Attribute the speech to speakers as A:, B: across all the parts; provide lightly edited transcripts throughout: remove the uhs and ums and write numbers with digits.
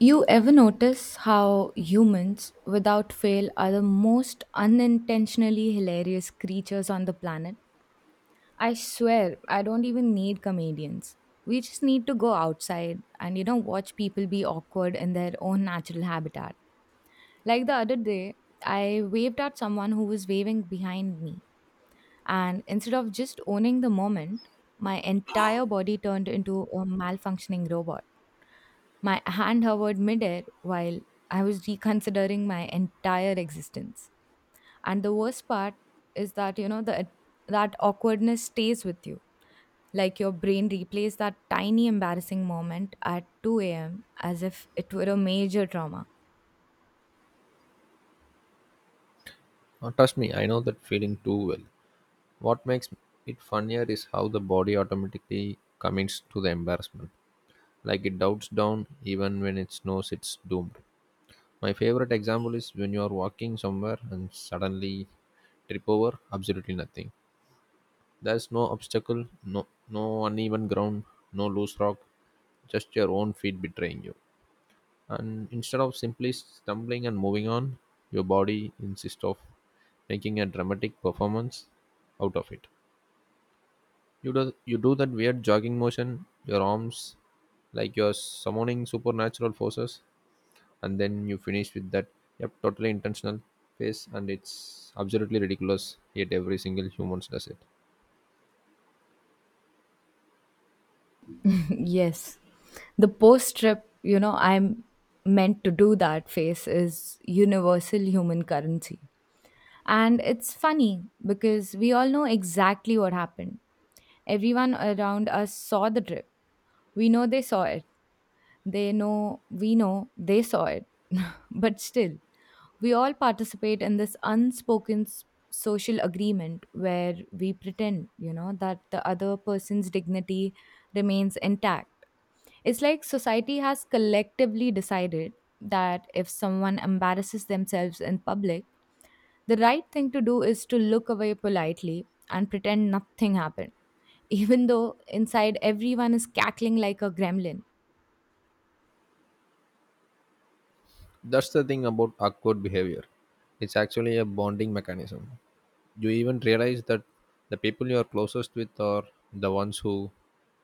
A: You ever notice how humans, without fail, are the most unintentionally hilarious creatures on the planet? I swear, I don't even need comedians. We just need to go outside and, watch people be awkward in their own natural habitat. Like the other day, I waved at someone who was waving behind me, and instead of just owning the moment, my entire body turned into a malfunctioning robot, my hand hovered midair while I was reconsidering my entire existence. And the worst part is that that awkwardness stays with you. Like your brain replays that tiny embarrassing moment at 2 a.m. as if it were a major trauma.
B: Trust me, I know that feeling too well. What makes it funnier is how the body automatically commits to the embarrassment. Like it doubts down even when it knows it's doomed. My favorite example is when you are walking somewhere and suddenly trip over absolutely nothing. There's no obstacle, no uneven ground, no loose rock, just your own feet betraying you, and instead of simply stumbling and moving on, your body insists of making a dramatic performance out of it. You do that weird jogging motion your arms, like you're summoning supernatural forces, and then you finish with that yep totally intentional face, and it's absolutely ridiculous, yet every single human does it.
A: Yes. The post trip, I'm meant to do that face is universal human currency. And it's funny because we all know exactly what happened. Everyone around us saw the drip. We know they saw it. They know we know they saw it. But still, we all participate in this unspoken social agreement where we pretend, that the other person's dignity remains intact. It's like society has collectively decided that if someone embarrasses themselves in public, the right thing to do is to look away politely and pretend nothing happened, even though inside everyone is cackling like a gremlin.
B: That's the thing about awkward behavior. It's actually a bonding mechanism. You even realize that the people you are closest with are the ones who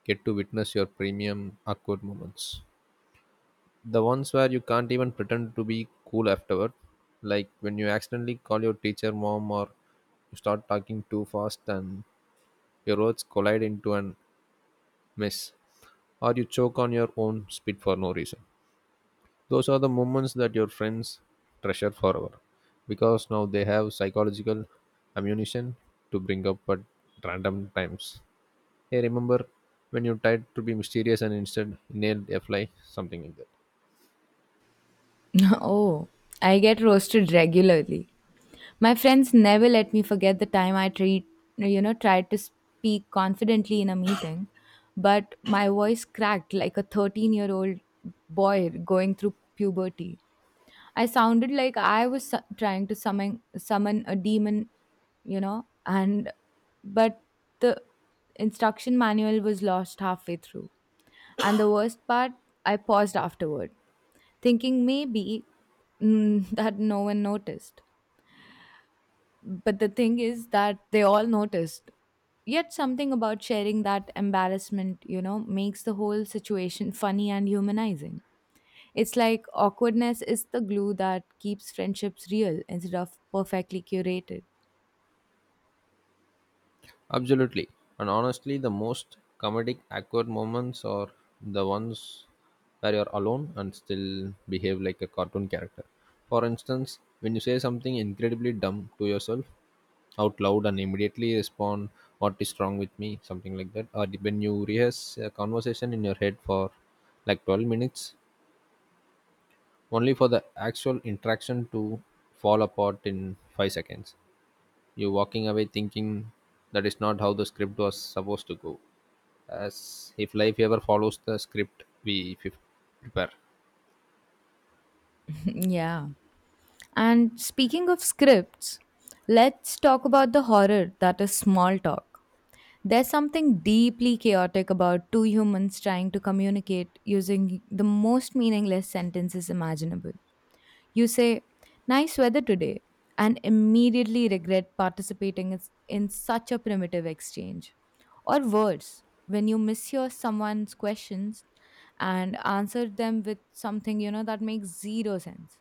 B: get to witness your premium awkward moments. The ones where you can't even pretend to be cool afterward, like when you accidentally call your teacher mom, or you start talking too fast and your words collide into an mess, or you choke on your own spit for no reason. Those are the moments that your friends treasure forever because now they have psychological ammunition to bring up at random times. Hey, remember when you tried to be mysterious and instead nailed a fly? Something like that.
A: Oh, I get roasted regularly. My friends never let me forget the time I tried to speak confidently in a meeting, but my voice cracked like a 13-year-old boy going through puberty. I sounded like I was trying to summon a demon, you know, and but the instruction manual was lost halfway through. And the worst part, I paused afterward, thinking maybe that no one noticed. But the thing is that they all noticed. Yet something about sharing that embarrassment, makes the whole situation funny and humanizing. It's like awkwardness is the glue that keeps friendships real instead of perfectly curated.
B: Absolutely. And honestly, the most comedic, awkward moments are the ones where you're alone and still behave like a cartoon character. For instance, when you say something incredibly dumb to yourself out loud and immediately respond, what is wrong with me? Something like that. Or when you rehearse a conversation in your head for like 12 minutes, only for the actual interaction to fall apart in 5 seconds. You're walking away thinking that is not how the script was supposed to go, as if life ever follows the script we prepare.
A: Yeah. And speaking of scripts, let's talk about the horror that is small talk. There's something deeply chaotic about two humans trying to communicate using the most meaningless sentences imaginable. You say, nice weather today, and immediately regret participating in such a primitive exchange. Or worse, when you mishear someone's questions and answer them with something, that makes zero sense.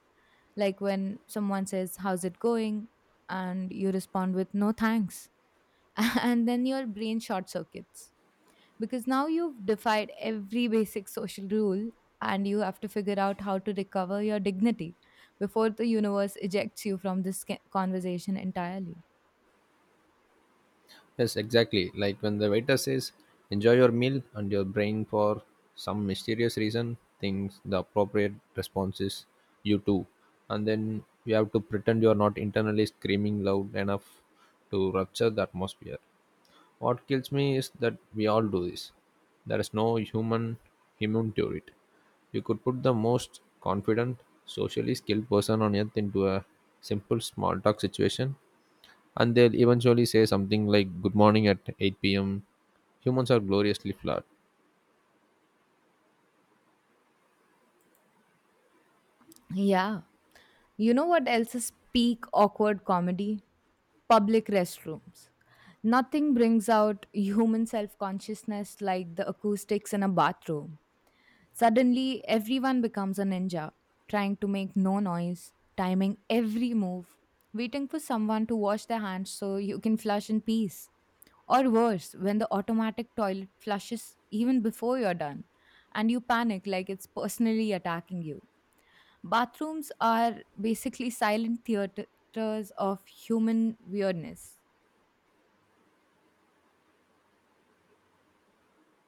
A: Like when someone says, how's it going? And you respond with, no thanks. And then your brain short circuits because now you've defied every basic social rule, and you have to figure out how to recover your dignity before the universe ejects you from this conversation entirely.
B: Yes, exactly. Like when the waiter says, enjoy your meal, and your brain, for some mysterious reason, thinks the appropriate response is you too. And then you have to pretend you are not internally screaming loud enough to rupture the atmosphere. What kills me is that we all do this. There is no human immune to it. You could put the most confident, socially skilled person on earth into a simple small talk situation, and they'll eventually say something like "Good morning" at 8 p.m. Humans are gloriously flawed.
A: Yeah. You know what else is peak awkward comedy? Public restrooms. Nothing brings out human self consciousness like the acoustics in a bathroom. Suddenly, everyone becomes a ninja, trying to make no noise, timing every move, waiting for someone to wash their hands so you can flush in peace. Or worse, when the automatic toilet flushes even before you're done, and you panic like it's personally attacking you. Bathrooms are basically silent theaters of human weirdness.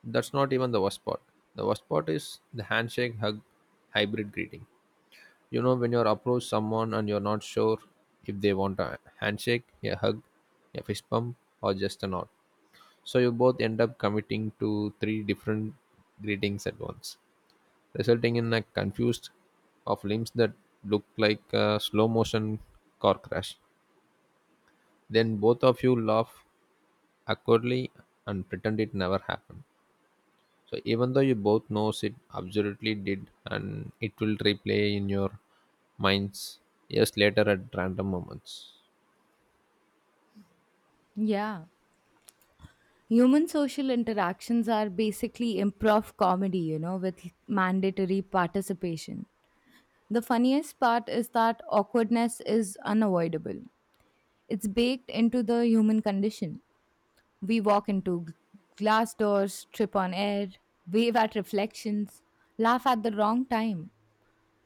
B: That's not even the worst part. The worst part is the handshake hug hybrid greeting. You know, when you approach someone and you're not sure if they want a handshake, a hug, a fist bump, or just a nod. So you both end up committing to three different greetings at once, resulting in a confused of limbs that look like a slow motion car crash. Then both of you laugh awkwardly and pretend it never happened. So even though you both knows it absolutely did, and it will replay in your minds years later at random moments.
A: Yeah. Human social interactions are basically improv comedy, with mandatory participation. The funniest part is that awkwardness is unavoidable. It's baked into the human condition. We walk into glass doors, trip on air, wave at reflections, laugh at the wrong time,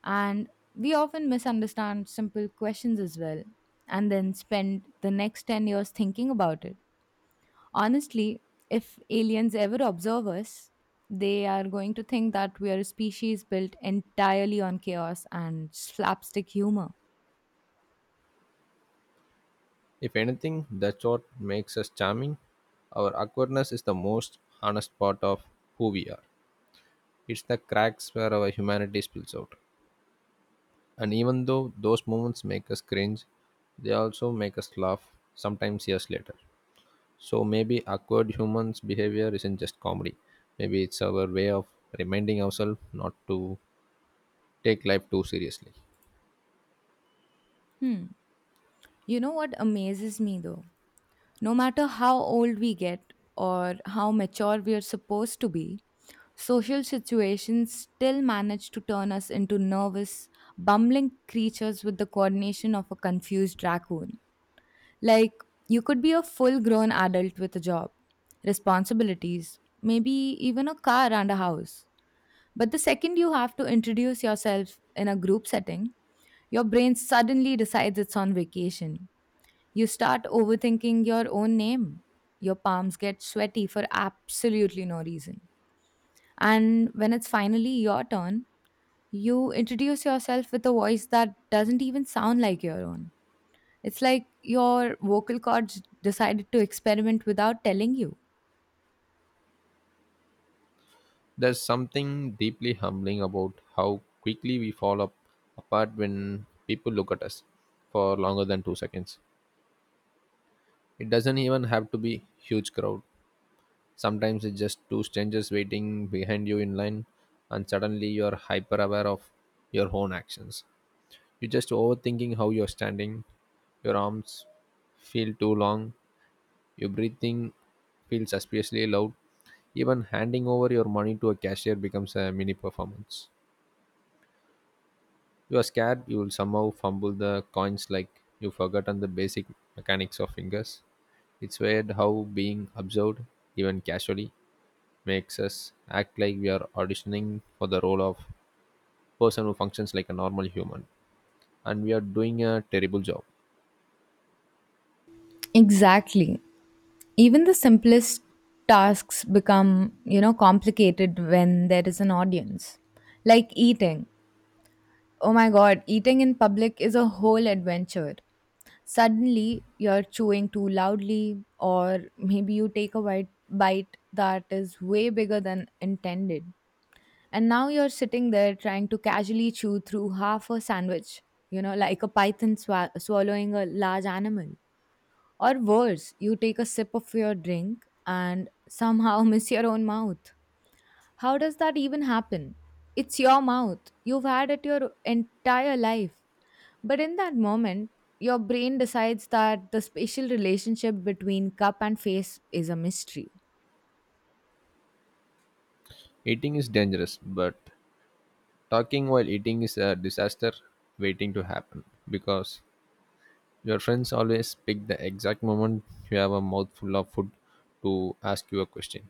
A: and we often misunderstand simple questions as well, and then spend the next 10 years thinking about it. Honestly, if aliens ever observe us, they are going to think that we are a species built entirely on chaos and slapstick humor.
B: If anything, that's what makes us charming. Our awkwardness is the most honest part of who we are. It's the cracks where our humanity spills out. And even though those moments make us cringe, they also make us laugh, sometimes years later. So maybe awkward humans' behavior isn't just comedy. Maybe it's our way of reminding ourselves not to take life too seriously.
A: Hmm. You know what amazes me though? No matter how old we get or how mature we are supposed to be, social situations still manage to turn us into nervous, bumbling creatures with the coordination of a confused raccoon. Like, you could be a full grown adult with a job, responsibilities, maybe even a car and a house. But the second you have to introduce yourself in a group setting, your brain suddenly decides it's on vacation. You start overthinking your own name. Your palms get sweaty for absolutely no reason. And when it's finally your turn, you introduce yourself with a voice that doesn't even sound like your own. It's like your vocal cords decided to experiment without telling you.
B: There's something deeply humbling about how quickly we fall up apart when people look at us for longer than 2 seconds. It doesn't even have to be huge crowd. Sometimes it's just two strangers waiting behind you in line, and suddenly you're hyper aware of your own actions. You're just overthinking how you're standing, your arms feel too long, your breathing feels suspiciously loud. Even handing over your money to a cashier becomes a mini performance. You are scared you will somehow fumble the coins like you've forgotten the basic mechanics of fingers. It's weird how being observed, even casually, makes us act like we are auditioning for the role of person who functions like a normal human, and we are doing a terrible job.
A: Exactly. Even the simplest tasks become, complicated when there is an audience. Like eating. Oh my god, eating in public is a whole adventure. Suddenly, you're chewing too loudly, or maybe you take a bite that is way bigger than intended. And now you're sitting there trying to casually chew through half a sandwich, like a python swallowing a large animal. Or worse, you take a sip of your drink and somehow miss your own mouth. How does that even happen? It's your mouth. You've had it your entire life. But in that moment, your brain decides that the spatial relationship between cup and face is a mystery.
B: Eating is dangerous, but talking while eating is a disaster waiting to happen, because your friends always pick the exact moment you have a mouthful of food to ask you a question.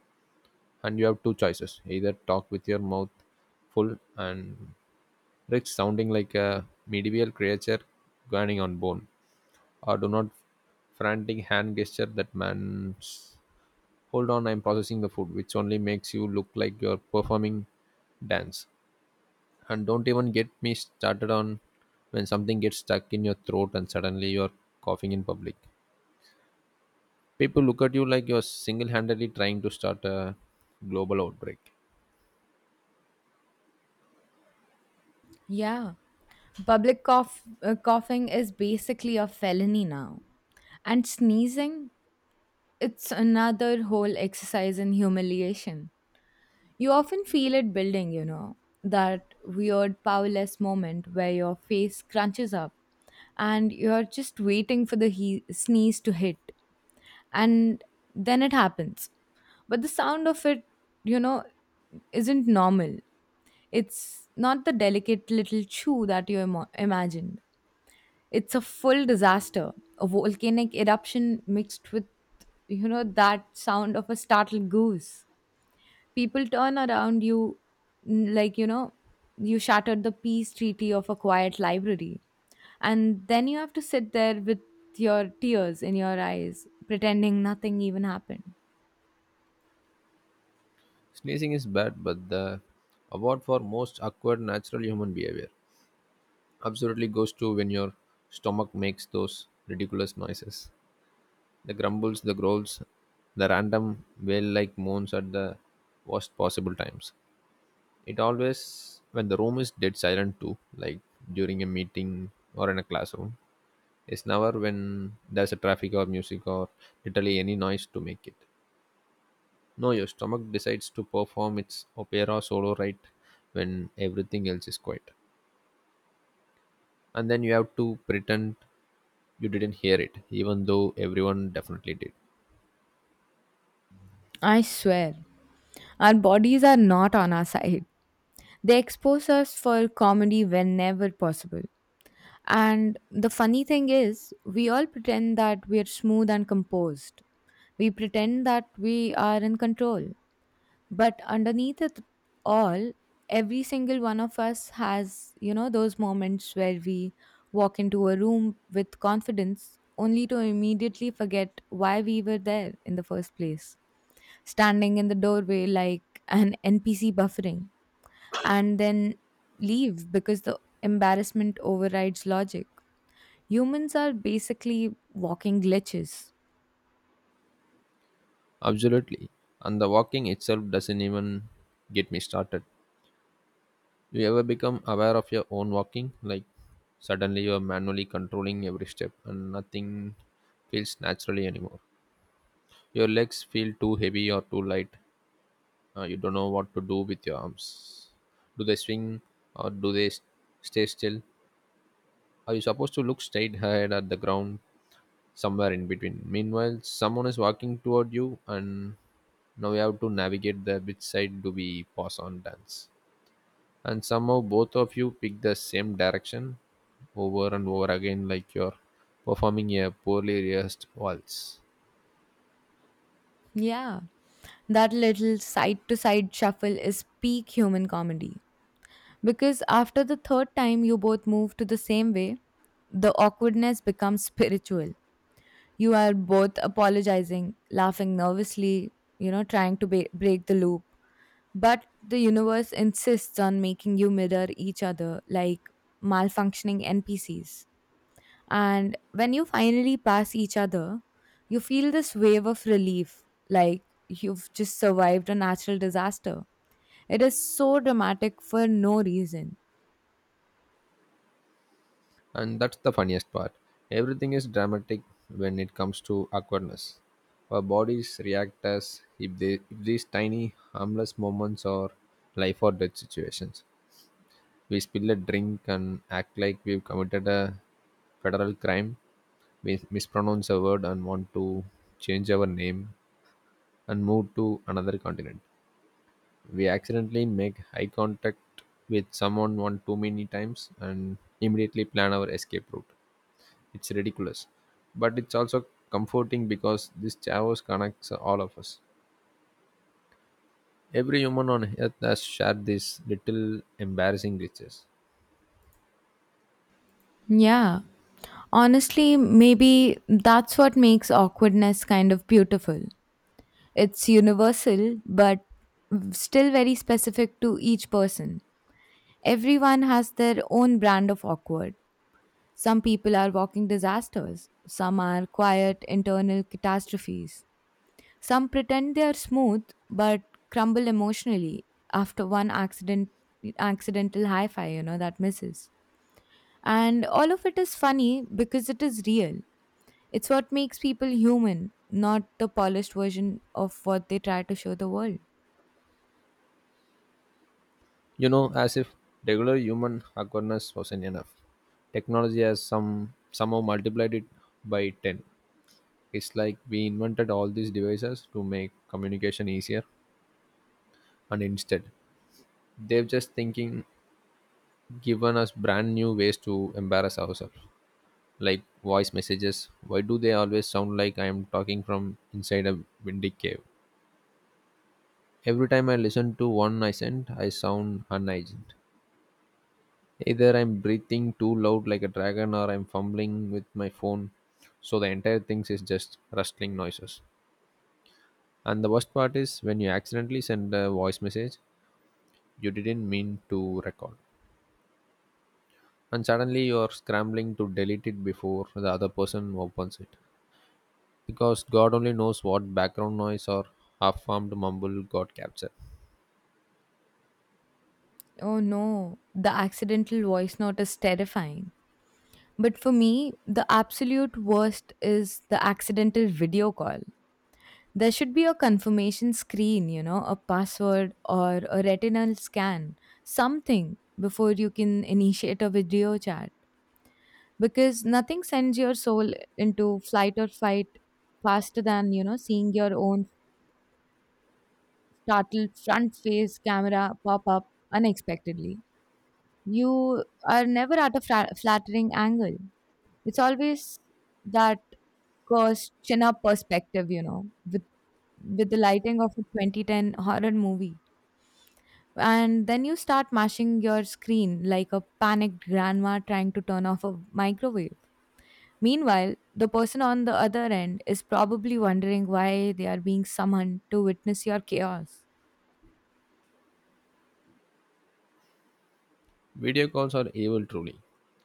B: And you have two choices: either talk with your mouth full and risk sounding like a medieval creature grinding on bone, or do not frantic hand gesture that man's hold on, I'm processing the food, which only makes you look like you're performing dance. And don't even get me started on when something gets stuck in your throat and suddenly you're coughing in public. People look at you like you're single-handedly trying to start a global outbreak.
A: Yeah, public coughing is basically a felony now. And sneezing, it's another whole exercise in humiliation. You often feel it building, that weird powerless moment where your face crunches up and you're just waiting for the sneeze to hit. And then it happens, but the sound of it, you know isn't normal. It's not the delicate little chew that you imagined. It's a full disaster, a volcanic eruption mixed with, that sound of a startled goose. People turn around you, like you shattered the peace treaty of a quiet library, and then you have to sit there with your tears in your eyes, pretending nothing even happened.
B: Sneezing is bad, but the award for most awkward natural human behavior absolutely goes to when your stomach makes those ridiculous noises. The grumbles, the growls, the random wail like moans at the worst possible times. It always, when the room is dead silent too, like during a meeting or in a classroom. It's never when there's a traffic or music or literally any noise to make it. No, your stomach decides to perform its opera solo right when everything else is quiet. And then you have to pretend you didn't hear it, even though everyone definitely did.
A: I swear, our bodies are not on our side. They expose us for comedy whenever possible. And the funny thing is, we all pretend that we are smooth and composed. We pretend that we are in control. But underneath it all, every single one of us has, those moments where we walk into a room with confidence only to immediately forget why we were there in the first place, standing in the doorway like an NPC buffering, and then leave because the embarrassment overrides logic. Humans are basically walking glitches.
B: Absolutely. And the walking itself doesn't even get me started. You ever become aware of your own walking? Like suddenly you're manually controlling every step and nothing feels naturally anymore. Your legs feel too heavy or too light. You don't know what to do with your arms. Do they swing or do they stay still? Are you supposed to look straight ahead at the ground somewhere in between? Meanwhile, someone is walking toward you, and now we have to navigate the which side do we pass on dance. And somehow both of you pick the same direction over and over again like you're performing a poorly rehearsed waltz.
A: Yeah, that little side to side shuffle is peak human comedy. Because after the third time you both move to the same way, the awkwardness becomes spiritual. You are both apologizing, laughing nervously, trying to break the loop. But the universe insists on making you mirror each other like malfunctioning NPCs. And when you finally pass each other, you feel this wave of relief, like you've just survived a natural disaster. It is so dramatic for no reason.
B: And that's the funniest part. Everything is dramatic when it comes to awkwardness. Our bodies react as if, if these tiny harmless moments are life or death situations. We spill a drink and act like we've committed a federal crime, mispronounce a word and want to change our name and move to another continent. We accidentally make eye contact with someone one too many times and immediately plan our escape route. It's ridiculous, but it's also comforting because this chaos connects all of us. Every human on earth has shared these little embarrassing glitches.
A: Yeah. Honestly, maybe that's what makes awkwardness kind of beautiful. It's universal, but still very specific to each person. Everyone has their own brand of awkward. Some people are walking disasters, some are quiet internal catastrophes. Some pretend they are smooth but crumble emotionally after one accidental hi-fi, that misses. And all of it is funny because it is real. It's what makes people human, not the polished version of what they try to show the world.
B: You know, as if regular human awkwardness wasn't enough. Technology has somehow multiplied it by 10. It's like we invented all these devices to make communication easier, and instead, they've just thinking given us brand new ways to embarrass ourselves, like voice messages. Why do they always sound like I am talking from inside a windy cave? Every time I listen to one I sent, I sound unhygienic. Either I'm breathing too loud like a dragon or I'm fumbling with my phone, so the entire thing is just rustling noises. And the worst part is when you accidentally send a voice message you didn't mean to record, and suddenly you're scrambling to delete it before the other person opens it, because god only knows what background noise or half-formed mumble got captured.
A: Oh no, the accidental voice note is terrifying. But for me, the absolute worst is the accidental video call. There should be a confirmation screen, a password or a retinal scan, something before you can initiate a video chat, because nothing sends your soul into flight or fight faster than, seeing your own startled front face camera pop up unexpectedly. You are never at a flattering angle. It's always that course chin up perspective, with with the lighting of a 2010 horror movie. And then you start mashing your screen like a panicked grandma trying to turn off a microwave. Meanwhile, the person on the other end is probably wondering why they are being summoned to witness your chaos.
B: Video calls are evil, truly.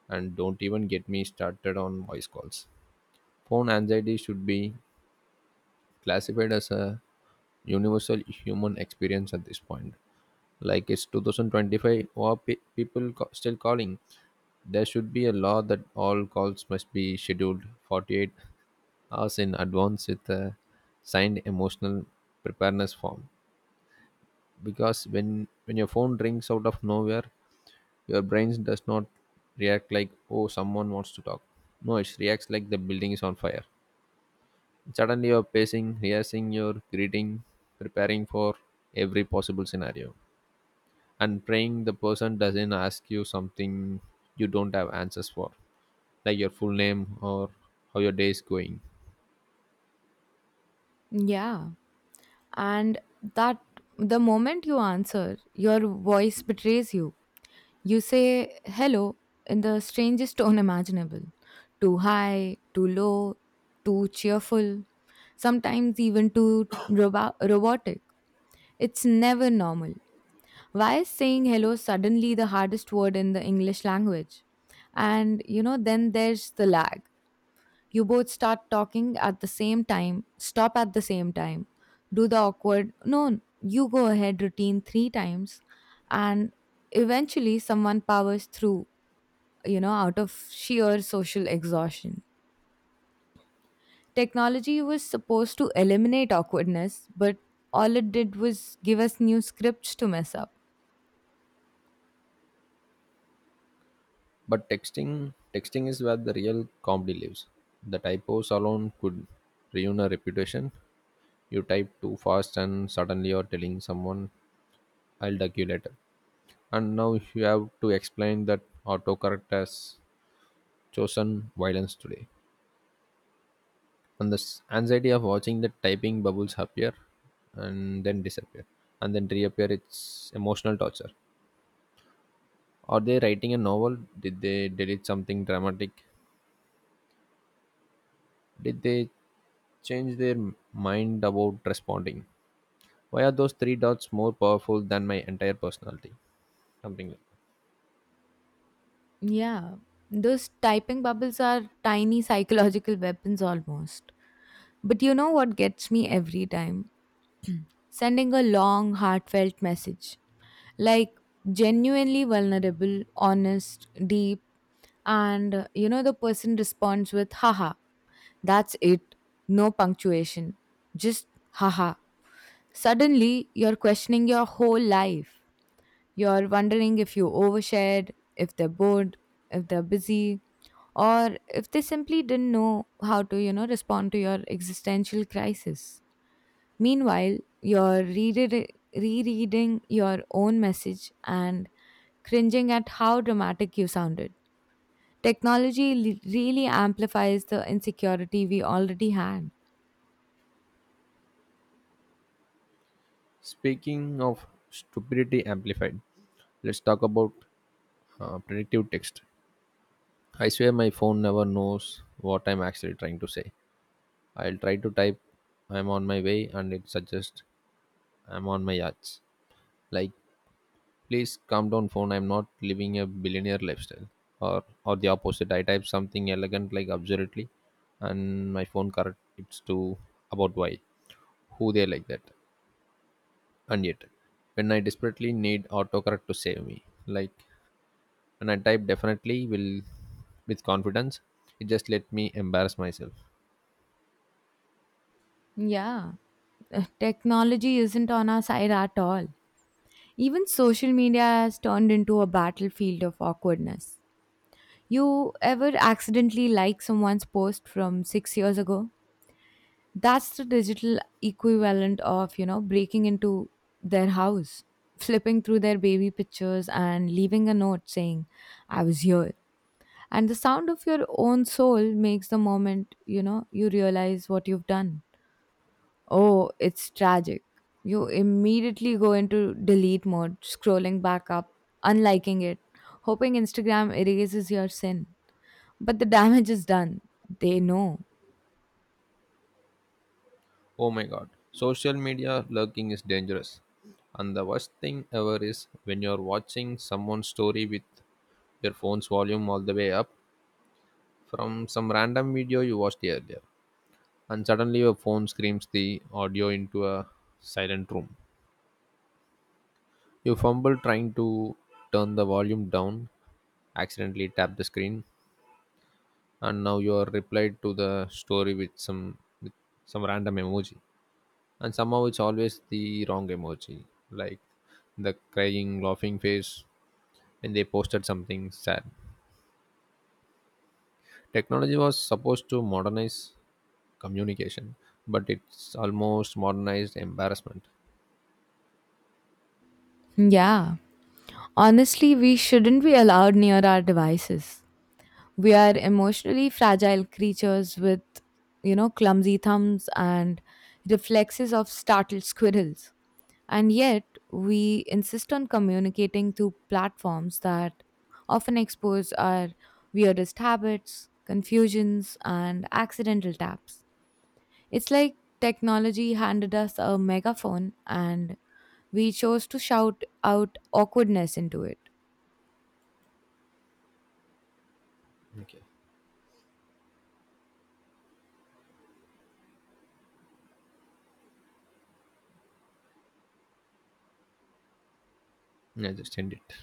B: And don't even get me started on voice calls. Phone anxiety should be classified as a universal human experience at this point. Like it's 2025, or people still calling. There should be a law that all calls must be scheduled 48 hours in advance with a signed emotional preparedness form, because when your phone rings out of nowhere, your brain does not react like oh someone wants to talk. No, it reacts like the building is on fire. Suddenly you're pacing, rehearsing your greeting, preparing for every possible scenario, and praying the person doesn't ask you something you don't have answers for, like your full name or how your day is going.
A: Yeah. And that the moment you answer, your voice betrays you. You say hello in the strangest tone imaginable, too high, too low, too cheerful, sometimes even too robotic. It's never normal. Why is saying hello suddenly the hardest word in the English language? And then there's the lag. You both start talking at the same time, stop at the same time, do the awkward, no, you go ahead routine three times, and eventually someone powers through, out of sheer social exhaustion. Technology was supposed to eliminate awkwardness, but all it did was give us new scripts to mess up.
B: But texting is where the real comedy lives. The typos alone could ruin a reputation. You type too fast and suddenly you're telling someone I'll duck you later. And now you have to explain that autocorrect has chosen violence today. And the anxiety of watching the typing bubbles appear and then disappear and then reappear, it's emotional torture. Are they writing a novel? Did they delete something dramatic? Did they change their mind about responding? Why are those three dots more powerful than my entire personality? Something like that.
A: Yeah, those typing bubbles are tiny psychological weapons almost. But you know what gets me every time? Sending a long, heartfelt message. Like, genuinely vulnerable, honest, deep, and the person responds with haha. That's it. No punctuation. Just haha. Suddenly, you're questioning your whole life. You're wondering if you overshared, if they're bored, if they're busy, or if they simply didn't know how to, respond to your existential crisis. Meanwhile, you're rereading your own message and cringing at how dramatic you sounded. Technology really amplifies the insecurity we already had.
B: Speaking of stupidity amplified, let's talk about predictive text. I swear my phone never knows what I'm actually trying to say. I'll try to type I'm on my way, and it suggests I'm on my yachts. Like please calm down phone, I'm not living a billionaire lifestyle. or or the opposite, I type something elegant like absurdly, and my phone correct it's to about why who they like that. And yet when I desperately need autocorrect to save me, like when I type definitely will with confidence, it just let me embarrass myself.
A: Yeah. Technology isn't on our side at all. Even social media has turned into a battlefield of awkwardness. You ever accidentally like someone's post from 6 years ago? That's the digital equivalent of, breaking into their house, flipping through their baby pictures and leaving a note saying, "I was here." And the sound of your own soul makes the moment, you realize what you've done. Oh, it's tragic. You immediately go into delete mode, scrolling back up, unliking it, hoping Instagram erases your sin. But the damage is done. They know.
B: Oh my god, social media lurking is dangerous. And the worst thing ever is when you're watching someone's story with your phone's volume all the way up from some random video you watched earlier. And suddenly your phone screams the audio into a silent room. You fumble trying to turn the volume down, accidentally tap the screen, and now you are replied to the story with some random emoji. And somehow it's always the wrong emoji, like the crying, laughing face when they posted something sad. Technology was supposed to modernize communication, but it's almost modernized embarrassment.
A: Yeah. Honestly, we shouldn't be allowed near our devices. We are emotionally fragile creatures with, clumsy thumbs and reflexes of startled squirrels. And yet, we insist on communicating through platforms that often expose our weirdest habits, confusions, and accidental taps. It's like technology handed us a megaphone and we chose to shout out awkwardness into it.
B: Yeah, just end it.